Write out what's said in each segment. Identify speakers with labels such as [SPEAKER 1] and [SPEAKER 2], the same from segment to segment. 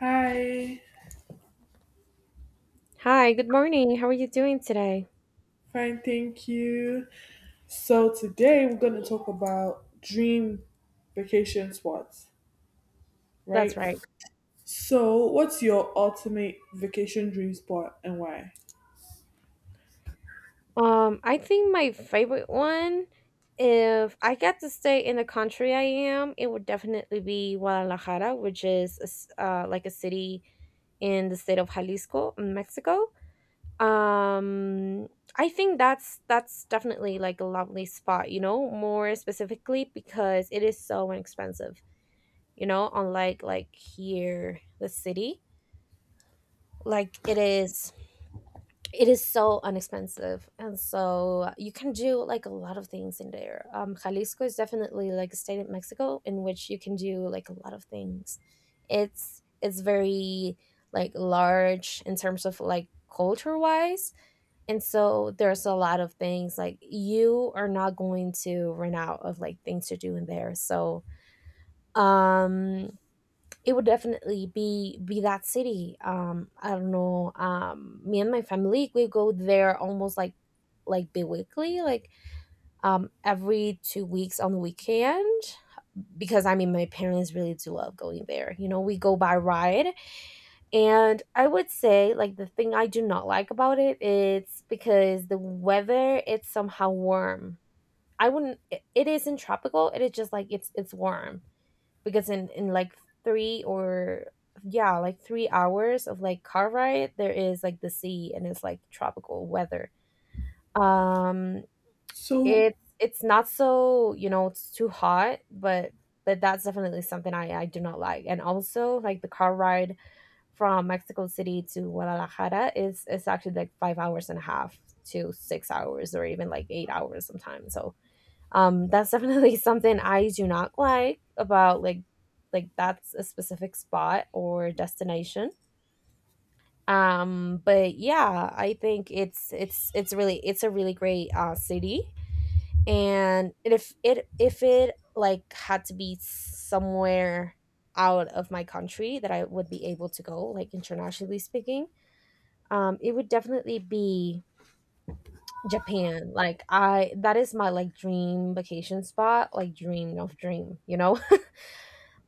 [SPEAKER 1] Hi,
[SPEAKER 2] Hi, good morning. How are you doing today?
[SPEAKER 1] fine, thank you. So today we're going to talk about dream vacation spots,
[SPEAKER 2] That's
[SPEAKER 1] right?
[SPEAKER 2] right.
[SPEAKER 1] So, what's your ultimate vacation dream spot and why?
[SPEAKER 2] I think my favorite one, if I get to stay in the country I am, it would definitely be Guadalajara, which is a like a city in the state of Jalisco, in Mexico. Um, I think that's definitely like a lovely spot, you know, more specifically because it is so inexpensive, you know, unlike like here, the city. Like it is so inexpensive, and so you can do like a lot of things in there. Jalisco is definitely like a state in Mexico in which you can do like a lot of things. It's very like large in terms of like culture wise, and so there's a lot of things, like you are not going to run out of like things to do in there. So um it would definitely be that city. I don't know. Me and my family, we go there almost like bi-weekly, like every 2 weeks on the weekend, because I mean my parents really do love going there. You know, we go by ride. And I would say like the thing I do not like about it, it's because the weather, it's somehow warm. I wouldn't, it isn't tropical, it is just like it's warm, because in like three or yeah like 3 hours of like car ride there is like the sea, and it's like tropical weather. um
[SPEAKER 1] So,
[SPEAKER 2] it's not so, you know, it's too hot, but that's definitely something I do not like. And also like the car ride from Mexico City to Guadalajara is, it's actually like 5 hours and a half to 6 hours, or even like 8 hours sometimes. So that's definitely something I do not like about like that's a specific spot or destination. But yeah, I think it's really it's a really great city. And if it like had to be somewhere out of my country that I would be able to go, like internationally speaking, it would definitely be Japan. Like I that is my like dream vacation spot, like dream of dream, you know,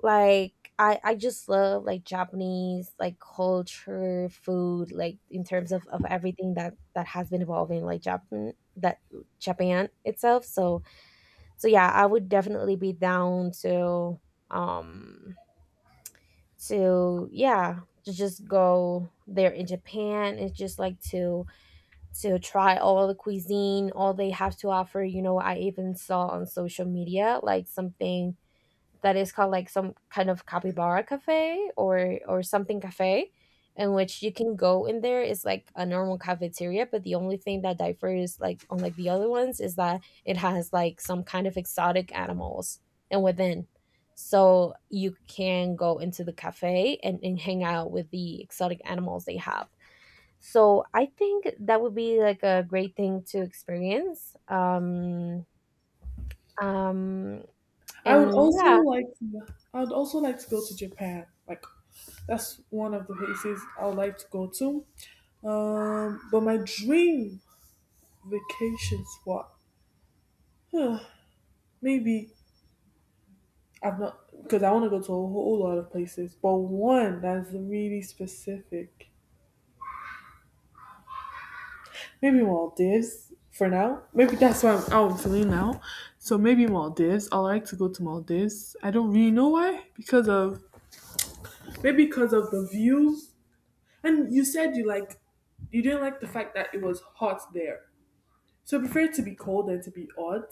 [SPEAKER 2] like I just love like Japanese like culture, food, like in terms of everything that has been evolving like Japan that Japan itself. So yeah, I would definitely be down um to yeah to just go there in Japan and just like to try all the cuisine, all they have to offer. You know, I even saw on social media like something that is called like some kind of capybara cafe, or something cafe, in which you can go in there. It's like a normal cafeteria, but the only thing that differs like unlike the other ones is that it has like some kind of exotic animals and within, so you can go into the cafe and hang out with the exotic animals they have. So I think that would be like a great thing to experience. Um
[SPEAKER 1] I would
[SPEAKER 2] and
[SPEAKER 1] also
[SPEAKER 2] yeah.
[SPEAKER 1] like to, I would also like to go to Japan. Like that's one of the places I would like to go to. But my dream vacation spot, huh, maybe I've not, because I want to go to a whole lot of places, but one that's really specific. Maybe Maldives for now. Maybe how I'm feeling now. So maybe Maldives. I like to go to Maldives. I don't really know why. Because of maybe because of the views. And you said you didn't like the fact that it was hot there. So I prefer it to be cold than to be hot.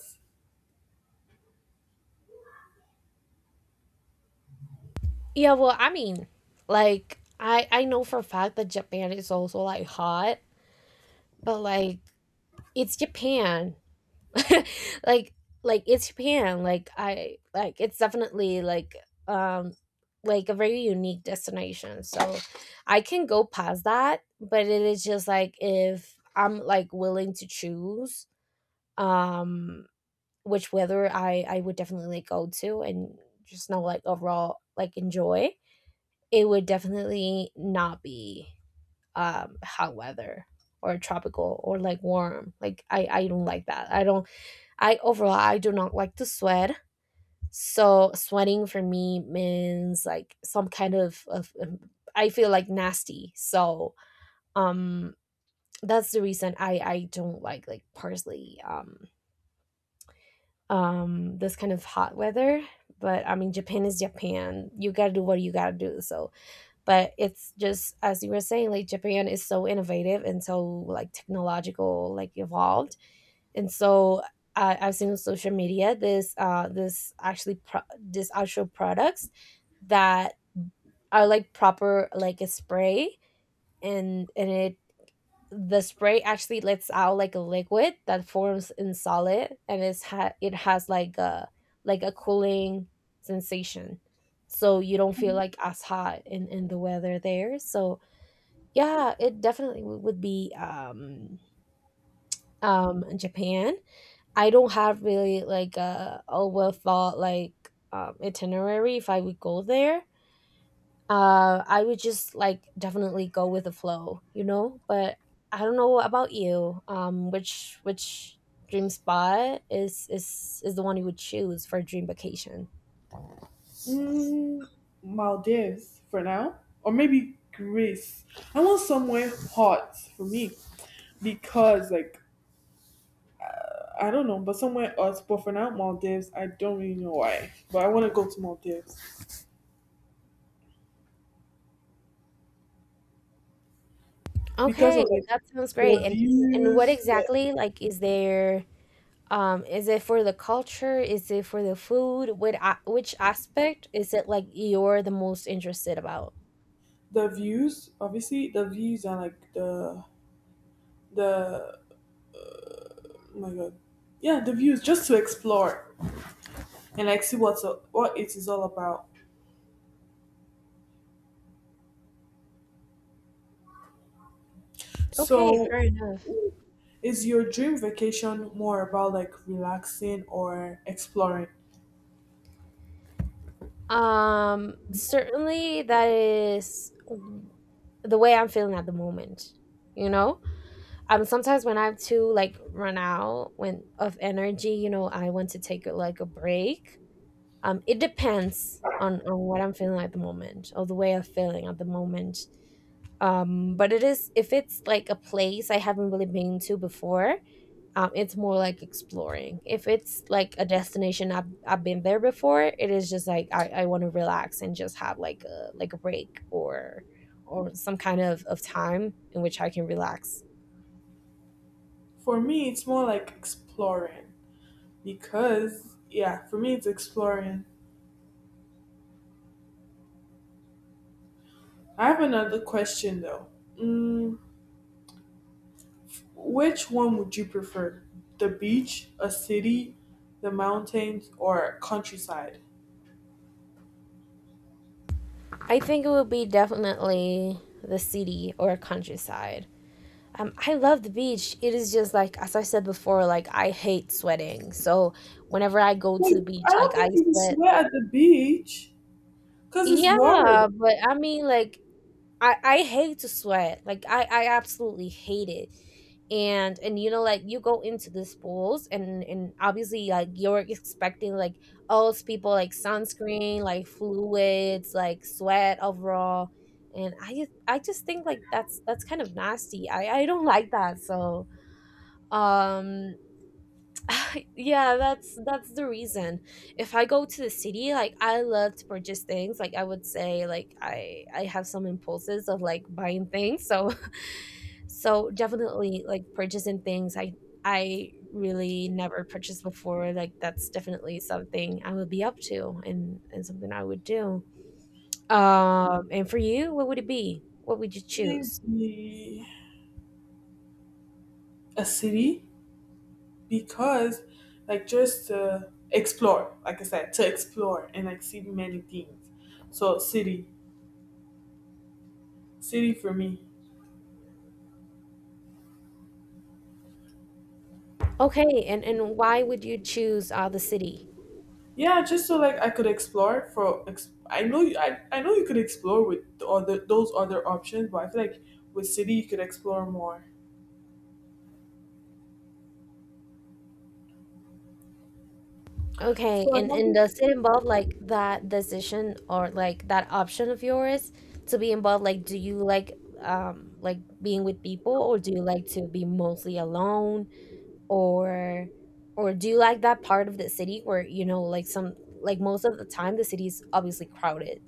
[SPEAKER 2] Yeah, well, I mean, like I know for a fact that Japan is also like hot, but like it's Japan. like like it's Japan. Like I like it's definitely um like a very unique destination. So I can go past that. But it is just like if I'm like willing to choose um which weather I would definitely like go to and just know like overall like enjoy, it would definitely not be hot weather or tropical or like warm. Like I don't like that. I don't, i overall, I do not like to sweat. So sweating for me means like some kind of I feel like nasty. So um that's the reason I don't like parsley. This kind of hot weather. But I mean, Japan is Japan, you gotta do what you gotta do. So but it's just as you were saying, like Japan is so innovative and so like technological like evolved. And so I I've seen on social media this this actually this actual products that are like proper like a spray. And it, the spray actually lets out like a liquid that forms in solid, and it's it has like a cooling sensation, so you don't feel like as hot in the weather there. So yeah, it definitely would be Japan. I don't have really like a well thought like itinerary if I would go there. I would just like definitely go with the flow, you know? But I don't know about you. Which dream spot is the one you would choose for a dream vacation?
[SPEAKER 1] Mm, Maldives for now, or maybe Greece. I want somewhere hot for me because, like, I don't know, but somewhere hot. But for now, Maldives. I don't really know why, but I want to go to Maldives because
[SPEAKER 2] Okay,
[SPEAKER 1] of like
[SPEAKER 2] that sounds great.
[SPEAKER 1] the
[SPEAKER 2] And what
[SPEAKER 1] views, the,
[SPEAKER 2] exactly like is there. Is it for the culture? Is it for the food? What which aspect is it like you're the most interested about?
[SPEAKER 1] the views. Obviously, the views are like the. Oh my god, yeah, the views just to explore and like see what it is all about.
[SPEAKER 2] Okay,
[SPEAKER 1] So
[SPEAKER 2] fair enough.
[SPEAKER 1] is your dream vacation more about like relaxing or exploring?
[SPEAKER 2] Certainly that is the way I'm feeling at the moment. You know, sometimes when I'm too like run out when of energy, you know, I want to take like a break. It depends on what I'm feeling at the moment, or the way I'm feeling at the moment. But it is if it's like a place I haven't really been to before, it's more like exploring. If it's like a destination I've been there before, it is just like I want to relax and just have like a break, or some kind of time in which I can relax.
[SPEAKER 1] For me, it's more like exploring because, yeah, for me, it's exploring. I have another question though. Mm, which one would you prefer? The beach, a city, the mountains, or countryside?
[SPEAKER 2] I think it would be definitely the city or countryside. I love the beach. It is just like, as I said before, like I hate sweating. So whenever I go to
[SPEAKER 1] Wait,
[SPEAKER 2] the beach,
[SPEAKER 1] I
[SPEAKER 2] like
[SPEAKER 1] don't
[SPEAKER 2] I
[SPEAKER 1] think you would
[SPEAKER 2] sweat.
[SPEAKER 1] sweat at the beach because it's water.
[SPEAKER 2] Yeah, but I mean, like, I hate to sweat. Like, I absolutely hate it. And you know, like, you go into these pools, and obviously, like, you're expecting like all those people like sunscreen, like fluids, like sweat overall. And I just think like that's kind of nasty. I don't like that. So um yeah, that's the reason. If I go to the city, like I love to purchase things. Like I would say like I have some impulses of like buying things. So so definitely like purchasing things I really never purchased before. Like that's definitely something I would be up to, and something I would do. And for you, what would it be? What would you choose?
[SPEAKER 1] Maybe a city? Because like just explore, like I said, to explore and like see many things, so city for me.
[SPEAKER 2] Okay, and why would you choose the city?
[SPEAKER 1] Yeah, just so like I could explore. For ex- I know you I know you could explore with the other those other options, but I feel like with city you could explore more.
[SPEAKER 2] Okay,
[SPEAKER 1] So I don't
[SPEAKER 2] and does it involve like that decision or like that option of yours to be involved? Like, do you like being with people, or do you like to be mostly alone, or or do you like that part of the city where you know like some, like most of the time the city is obviously crowded.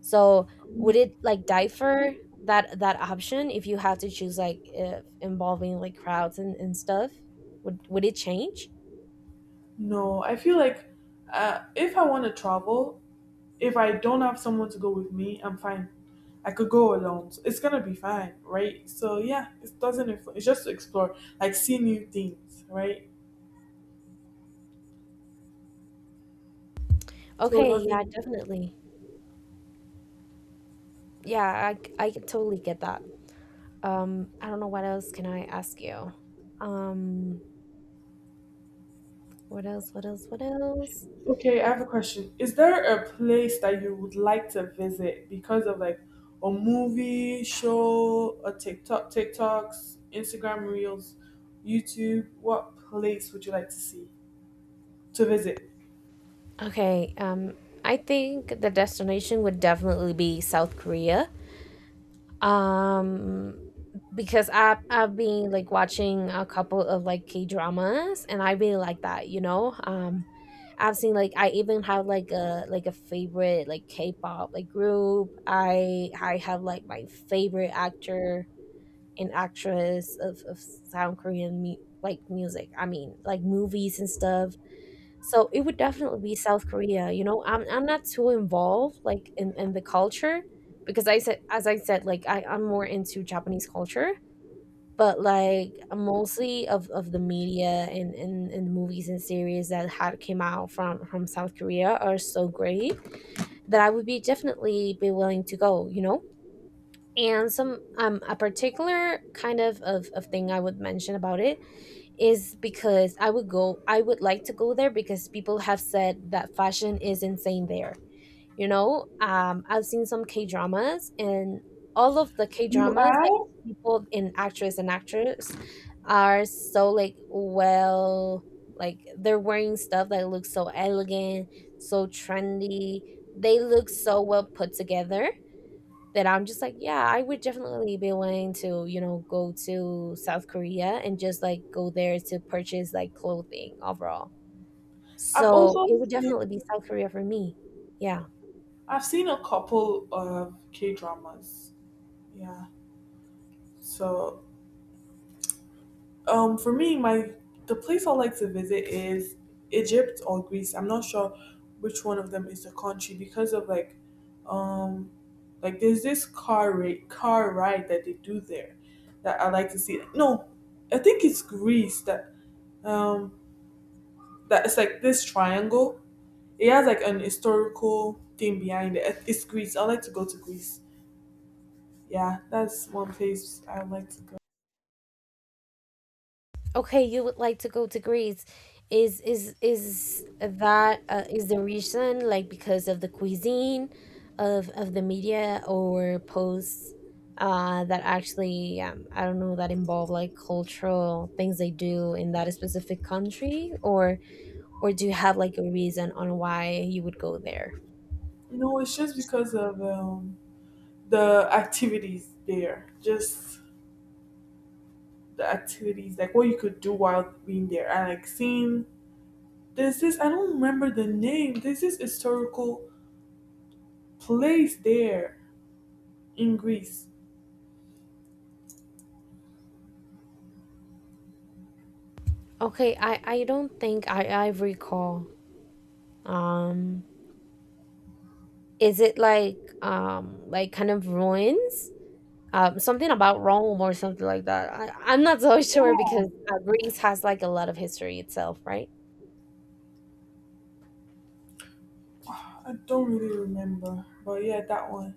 [SPEAKER 2] So would
[SPEAKER 1] think-
[SPEAKER 2] it like differ that option if you had to choose, like if involving like crowds and stuff? Would it change?
[SPEAKER 1] no, I feel like, if I want to travel, if I don't have someone to go with me, I'm fine. I could go alone. So it's gonna be fine, right? So yeah, it doesn't. It's just to explore, like see new things, right? So it
[SPEAKER 2] Okay, yeah,
[SPEAKER 1] doesn't.
[SPEAKER 2] definitely. Yeah, I totally get that. I don't know what else can I ask you. Um, what else? What else? What else?
[SPEAKER 1] Okay, I have a question. Is there a place that you would like to visit because of like a movie, show, a TikTok, TikToks, Instagram Reels, YouTube? What place would you like to see to visit?
[SPEAKER 2] Okay. I think the destination would definitely be South Korea. Um, because I've been like watching a couple of like K dramas, and I really like that. You know, I've seen like I even have like a favorite like K pop like group. I have like my favorite actor and actress of South Korean like music. I mean, like movies and stuff. So it would definitely be South Korea. You know, I'm not too involved like in the culture, because I said as I said like I'm more into Japanese culture. But like mostly of the media and, and movies and series that had came out from South Korea are so great that I would be definitely be willing to go, you know? And some a particular kind of thing I would mention about it is, because I would go, I would like to go there because people have said that fashion is insane there, you know. I've seen some K dramas, and all of the K
[SPEAKER 1] You
[SPEAKER 2] dramas like
[SPEAKER 1] have.
[SPEAKER 2] people in actress and actors are so like well, like they're wearing stuff that looks so elegant, so trendy, they look so well put together, that I'm just like, yeah, I would definitely be willing to, you know, go to South Korea and just like go there to purchase like clothing overall.
[SPEAKER 1] I've
[SPEAKER 2] So
[SPEAKER 1] also
[SPEAKER 2] it would definitely
[SPEAKER 1] seen
[SPEAKER 2] be South Korea for me. Yeah.
[SPEAKER 1] I've seen a couple of K dramas. Yeah. So, for me, my the place I like to visit is Egypt or Greece. I'm not sure which one of them is the country because of um, like there's this car ride that they do there that I like to see. No, I think it's Greece that, um, that it's like this triangle. It has like an historical thing behind it. It's Greece. I like to go to Greece. Yeah, that's one place I like to go.
[SPEAKER 2] Okay, you would like to go to Greece. Is that is the reason like because of the cuisine of the media or posts that actually I don't know, that involve like cultural things they do in that specific country, or do you have like a reason on why you would go there?
[SPEAKER 1] You know, it's just because of the activities there, just the activities, like what you could do while being there. And like seeing, there's this, I don't remember the name, there's this historical place there in Greece.
[SPEAKER 2] Okay, I don't think I recall. Um, is it like kind of ruins? Something about Rome or something like that. I'm not so sure because Greece has like a lot of history itself, right?
[SPEAKER 1] I don't really remember, but yeah, that one.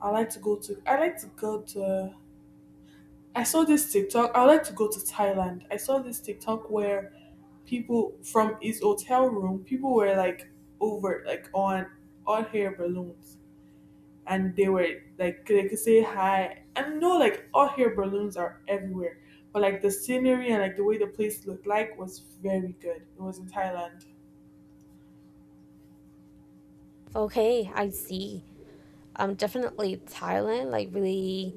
[SPEAKER 1] I like to go to, I like to go to, I saw this TikTok, I like to go to Thailand. I saw this TikTok where people from his hotel room, people were like over like on hot air balloons and they were like they could say hi. And no, like, hot air balloons are everywhere. But like the scenery and like the way the place looked like was very good. It was in Thailand.
[SPEAKER 2] Okay, I see. Definitely Thailand like really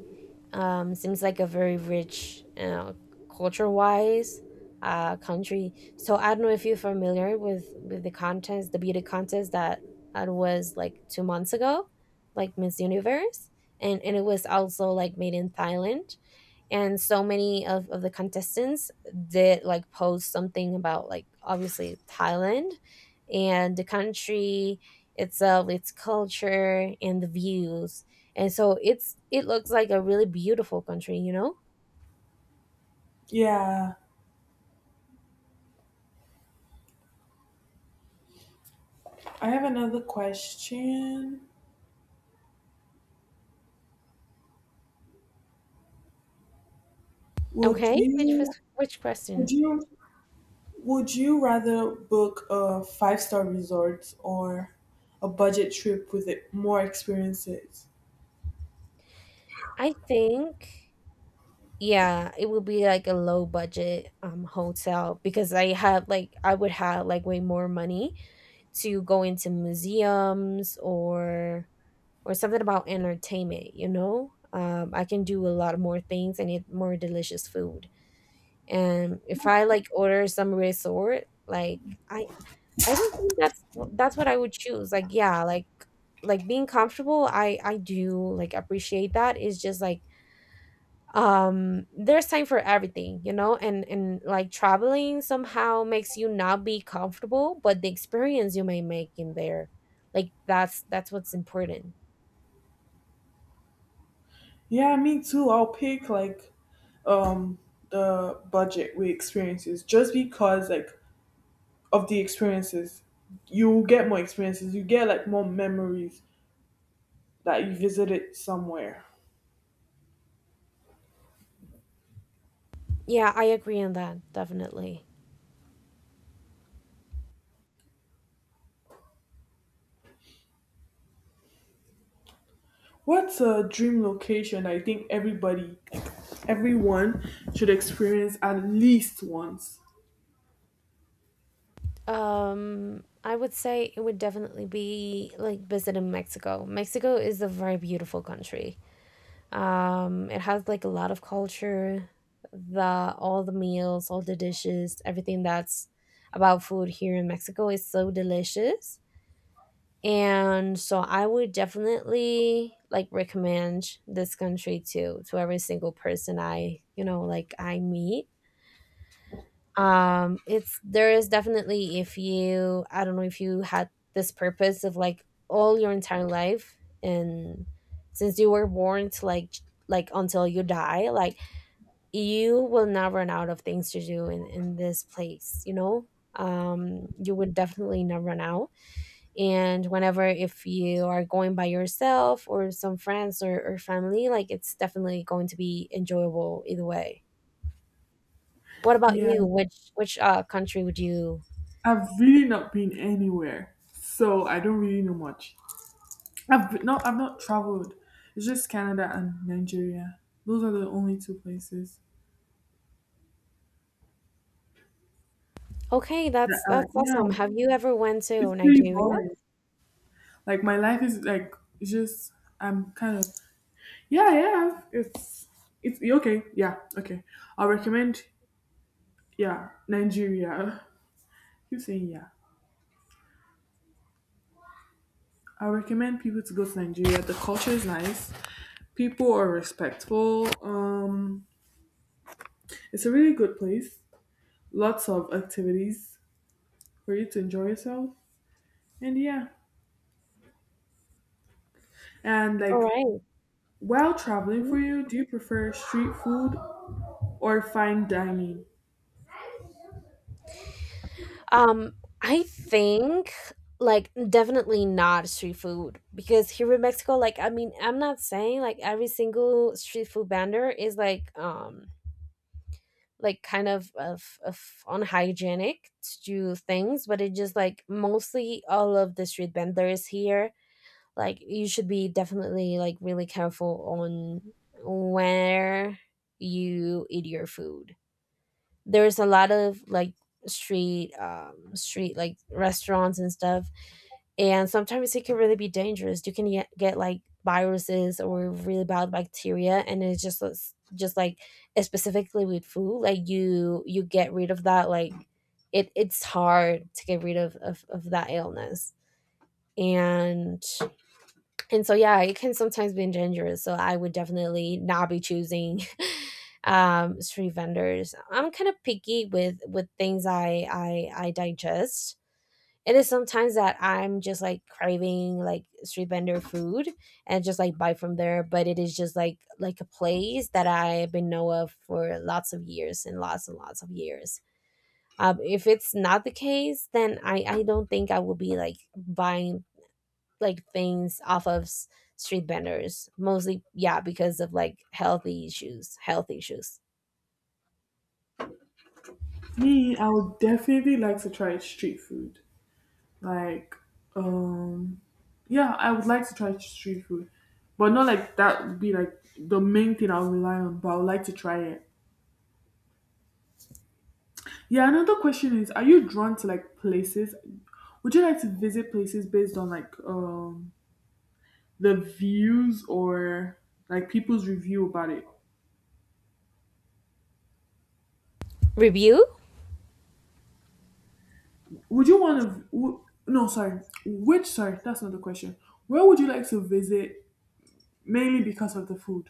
[SPEAKER 2] seems like a very rich culture wise country. So I don't know if you're familiar with the contest, the beauty contest that, that was like 2 months ago, like Miss Universe. And it was also like made in Thailand, and so many of the contestants did like post something about like obviously Thailand and the country itself, its culture and the views, and so it looks like a really beautiful country, you know?
[SPEAKER 1] Yeah. I have another question. Would
[SPEAKER 2] Okay, which was,
[SPEAKER 1] you
[SPEAKER 2] which question?
[SPEAKER 1] would you would you rather book a 5-star resort or a budget trip with it, more experiences?
[SPEAKER 2] I think yeah, it would be like a low budget hotel, because I have like I would have like way more money to go into museums or something about entertainment, you know? I can do a lot more things and eat more delicious food. And if I like order some resort, like I I don't think that's what I would choose. Like yeah, like being comfortable, I do like appreciate that. It's just like there's time for everything, you know? And like traveling somehow makes you not be comfortable, but the experience you may make in there, like that's what's important.
[SPEAKER 1] Yeah, me too. I'll pick like um the budget with experiences just because like of the experiences. You will get more experiences. You get like more memories that you visited somewhere.
[SPEAKER 2] Yeah, I agree on that, definitely.
[SPEAKER 1] What's a dream location I think everybody everyone should experience at least once?
[SPEAKER 2] I would say it would definitely be like visiting Mexico. Mexico is a very beautiful country. It has like a lot of culture, the all the meals, all the dishes, everything that's about food here in Mexico is so delicious. And so I would definitely like recommend this country to every single person I, you know, like I meet. It's there is definitely if you, I don't know if you had this purpose of like all your entire life, and since you were born to like like until you die, like you will not run out of things to do in this place, you know? You would definitely not run out. And whenever, if you are going by yourself or some friends, or family, like it's definitely going to be enjoyable either way. What about
[SPEAKER 1] Yeah.
[SPEAKER 2] you? Which which country would you?
[SPEAKER 1] I've really not been anywhere. So I don't really know much. No, I've not traveled. It's just Canada and Nigeria. Those are the only two places.
[SPEAKER 2] Okay, that's
[SPEAKER 1] Yeah,
[SPEAKER 2] awesome. Have you ever went to
[SPEAKER 1] it's pretty
[SPEAKER 2] Nigeria?
[SPEAKER 1] boring. Like my life is like it's just I'm kind of yeah, yeah, it's okay, yeah, okay. I'll recommend Yeah, Nigeria. Keep saying yeah. I recommend people to go to Nigeria. The culture is nice. People are respectful. It's a really good place. Lots of activities for you to enjoy yourself. And yeah, and
[SPEAKER 2] All
[SPEAKER 1] like
[SPEAKER 2] right.
[SPEAKER 1] while traveling
[SPEAKER 2] Mhm.
[SPEAKER 1] for you, do you prefer street food or fine dining?
[SPEAKER 2] Um, I think like definitely not street food, because here in Mexico, like I mean, I'm not saying like every single street food vendor is like kind of unhygienic to things, but it just like mostly all of the street vendors here, like you should be definitely like really careful on where you eat your food. There's a lot of like street street like restaurants and stuff, and sometimes it can really be dangerous. You can get like viruses or really bad bacteria, and it's just like specifically with food, like you get rid of that, like it it's hard to get rid of that illness. and and so yeah, it can sometimes be dangerous, so I would definitely not be choosing street vendors. I'm kind of picky with things I digest. It is sometimes that I'm just like craving like street vendor food and just like buy from there, but it is just like a place that I've been know of for lots of years and lots of years. If it's not the case, then I don't think I will be like buying like things off of street vendors mostly, yeah, because of like healthy issues, health issues.
[SPEAKER 1] Me, I would definitely like to try street food. Like, um, yeah, I would like to try street food, but not like that would be like the main thing I'll rely on. But I would like to try it. Yeah. Another question is, are you drawn to like places? Would you like to visit places based on like the views or like people's review about it?
[SPEAKER 2] Review.
[SPEAKER 1] Would you want to? W- no, sorry. Which? Sorry, that's not the question. Where would you like to visit mainly because of the food?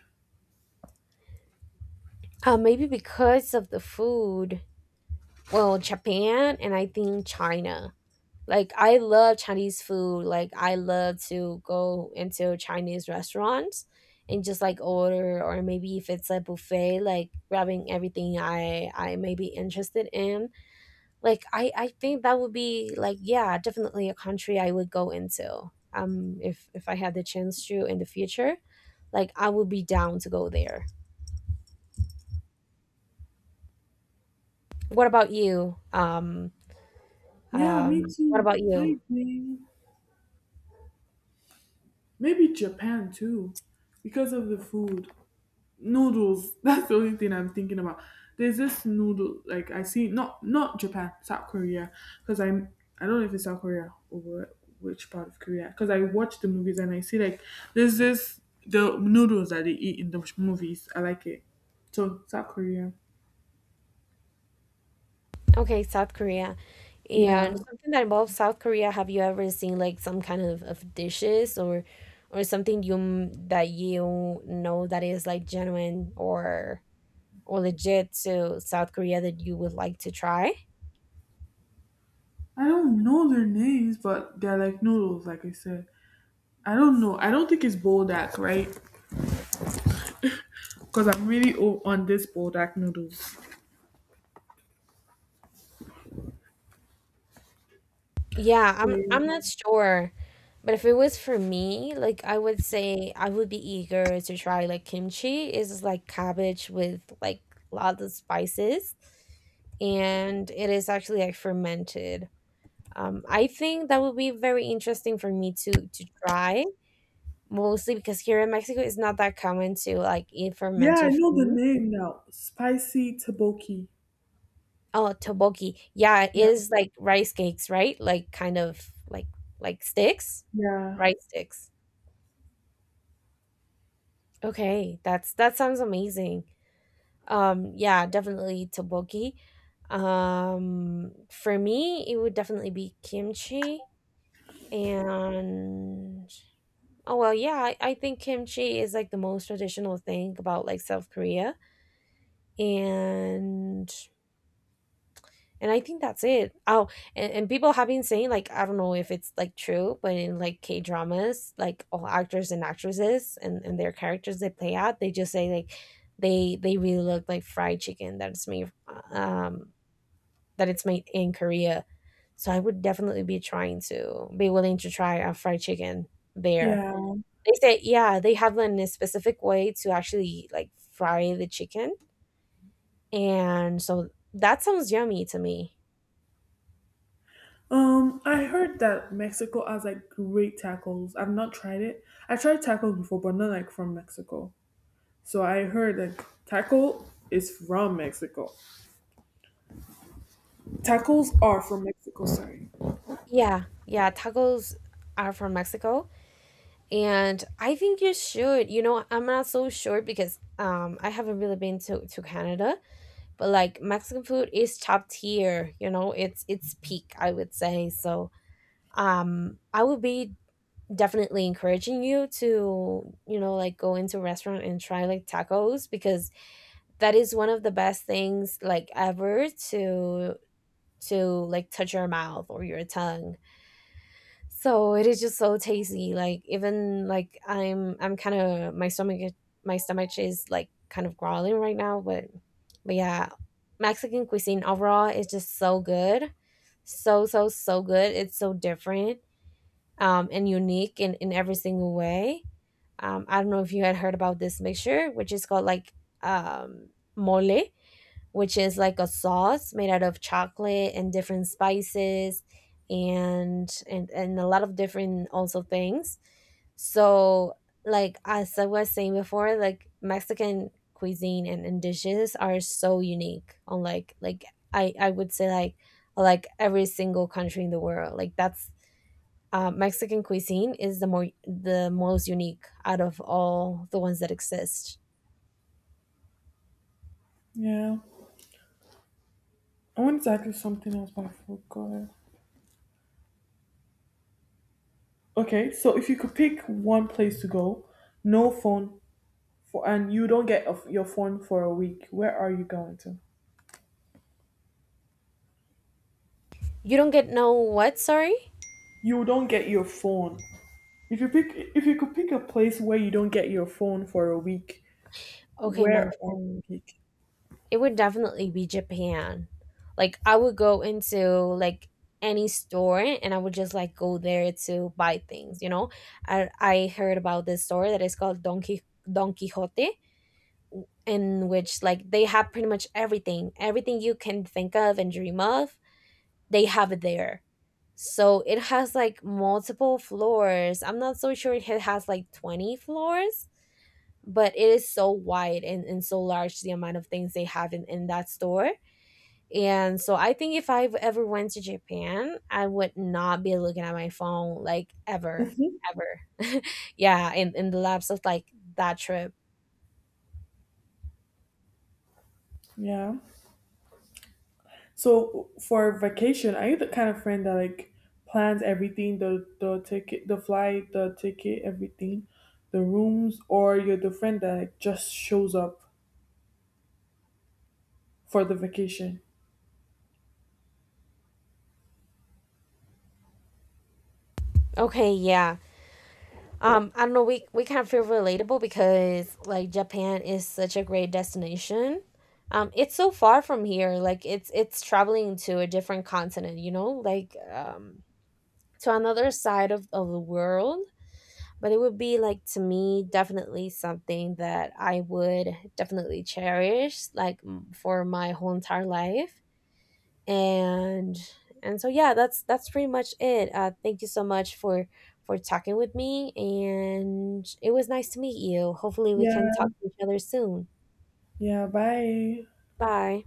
[SPEAKER 2] Maybe because of the food. Well, Japan and I think China. Like I love Chinese food. Like I love to go into Chinese restaurants and just like order, or maybe if it's a buffet, like grabbing everything I may be interested in. Like I think that would be like yeah, definitely a country I would go into. If I had the chance to in the future, like I would be down to go there. What about you? Um.
[SPEAKER 1] Yeah, me
[SPEAKER 2] What
[SPEAKER 1] too.
[SPEAKER 2] about you?
[SPEAKER 1] Lately, maybe Japan too, because of the food. Noodles. That's the only thing I'm thinking about. There's this noodle like I see, not not Japan, South Korea, because I'm, I don't know if it's South Korea or which part of Korea. Because I watch the movies and I see like there's this the noodles that they eat in the movies. I like it. So South Korea.
[SPEAKER 2] Okay, South Korea. And
[SPEAKER 1] Yeah.
[SPEAKER 2] something that involves South Korea, have you ever seen like some kind of dishes or something you that you know that is like genuine or legit to South Korea that you would like to try?
[SPEAKER 1] I don't know their names, but they're like noodles, like I said. I don't know. I don't think it's bodak, right? Because I'm really o- on this Bodak noodles.
[SPEAKER 2] Yeah,
[SPEAKER 1] So
[SPEAKER 2] I'm
[SPEAKER 1] yeah.
[SPEAKER 2] I'm not sure. But if it was for me, like I would say I would be eager to try like kimchi. Is like cabbage with like lots of spices, and it is actually like fermented. I think that would be very interesting for me to try, mostly because here in Mexico it's not that common to like eat
[SPEAKER 1] Yeah, I
[SPEAKER 2] fermented
[SPEAKER 1] know the
[SPEAKER 2] food.
[SPEAKER 1] name now. Spicy tteokbokki.
[SPEAKER 2] Oh, tteokbokki. Yeah, it
[SPEAKER 1] Yeah,
[SPEAKER 2] is like rice cakes, right? Like kind of like like sticks,
[SPEAKER 1] yeah,
[SPEAKER 2] rice sticks. Okay, that's that sounds amazing. Yeah, definitely tteokbokki. For me, it would definitely be kimchi, and oh well, yeah, I think kimchi is like the most traditional thing about like South Korea, and and I think that's it. Oh, and people have been saying like I don't know if it's like true, but in like K dramas, like all actors and actresses and their characters they play out, they just say like they really look like fried chicken that's made um that it's made in Korea. So I would definitely be trying to be willing to try a fried chicken there.
[SPEAKER 1] yeah.
[SPEAKER 2] They say yeah, they have a specific way to actually like fry the chicken, and so that sounds yummy to me.
[SPEAKER 1] I heard that Mexico has like great tacos. I've not tried it. I tried tacos before, but not like from Mexico. So I heard that taco is from Mexico. Tacos are from Mexico. Sorry.
[SPEAKER 2] Yeah, yeah, tacos are from Mexico, and I think you should. You know, I'm not so sure because I haven't really been to Canada, but like Mexican food is top tier. You know, it's peak, I would say. So I would be definitely encouraging you to, you know, like go into a restaurant and try like tacos, because that is one of the best things like ever to like touch your mouth or your tongue. So it is just so tasty, like even like I'm kind of, my stomach, my stomach is like kind of growling right now, but yeah, Mexican cuisine overall is just so good, so so so good. It's so different and unique in every single way. I don't know if you had heard about this mixture, which is called like um, mole, which is like a sauce made out of chocolate and different spices, and a lot of different also things. So like as I was saying before, like Mexican cuisine and dishes are so unique on like I would say like every single country in the world. Like that's Mexican cuisine is the more the most unique out of all the ones that exist.
[SPEAKER 1] Yeah, I wanted to ask you something else, but I forgot. Okay, so if you could pick one place to go, no phone, and you don't get a f your phone for a week. Where are you going to?
[SPEAKER 2] You don't get no what? Sorry.
[SPEAKER 1] You don't get your phone. If you pick, if you could pick a place where you don't get your phone for a week,
[SPEAKER 2] Okay, my
[SPEAKER 1] where are
[SPEAKER 2] phone.
[SPEAKER 1] you pick?
[SPEAKER 2] It would definitely be Japan. Like I would go into like any store, and I would just like go there to buy things, you know? I heard about this store that is called Don Quixote, in which like they have pretty much everything, everything you can think of and dream of. They have it there. So it has like multiple floors. I'm not so sure if it has like 20 floors, but it is so wide, and so large the amount of things they have in that store. And so I think if I have ever went to Japan, I would not be looking at my phone like ever,
[SPEAKER 1] Hmm.
[SPEAKER 2] ever. Yeah, in the lapse of like that trip.
[SPEAKER 1] Yeah. So for vacation, are you the kind of friend that like plans everything, the ticket, the flight, the ticket, everything, the rooms, or you're the friend that like, just shows up for the vacation?
[SPEAKER 2] Okay, yeah. I don't know, we kind of feel relatable because like Japan is such a great destination. It's so far from here, like it's traveling to a different continent, you know, like to another side of the world. But it would be like to me definitely something that I would definitely cherish like for my whole entire life. and and so yeah, that's pretty much it. Thank you so much for talking with me, and it was nice to meet you. Hopefully we can talk
[SPEAKER 1] Yeah.
[SPEAKER 2] to each other soon.
[SPEAKER 1] Yeah. Bye.
[SPEAKER 2] Bye.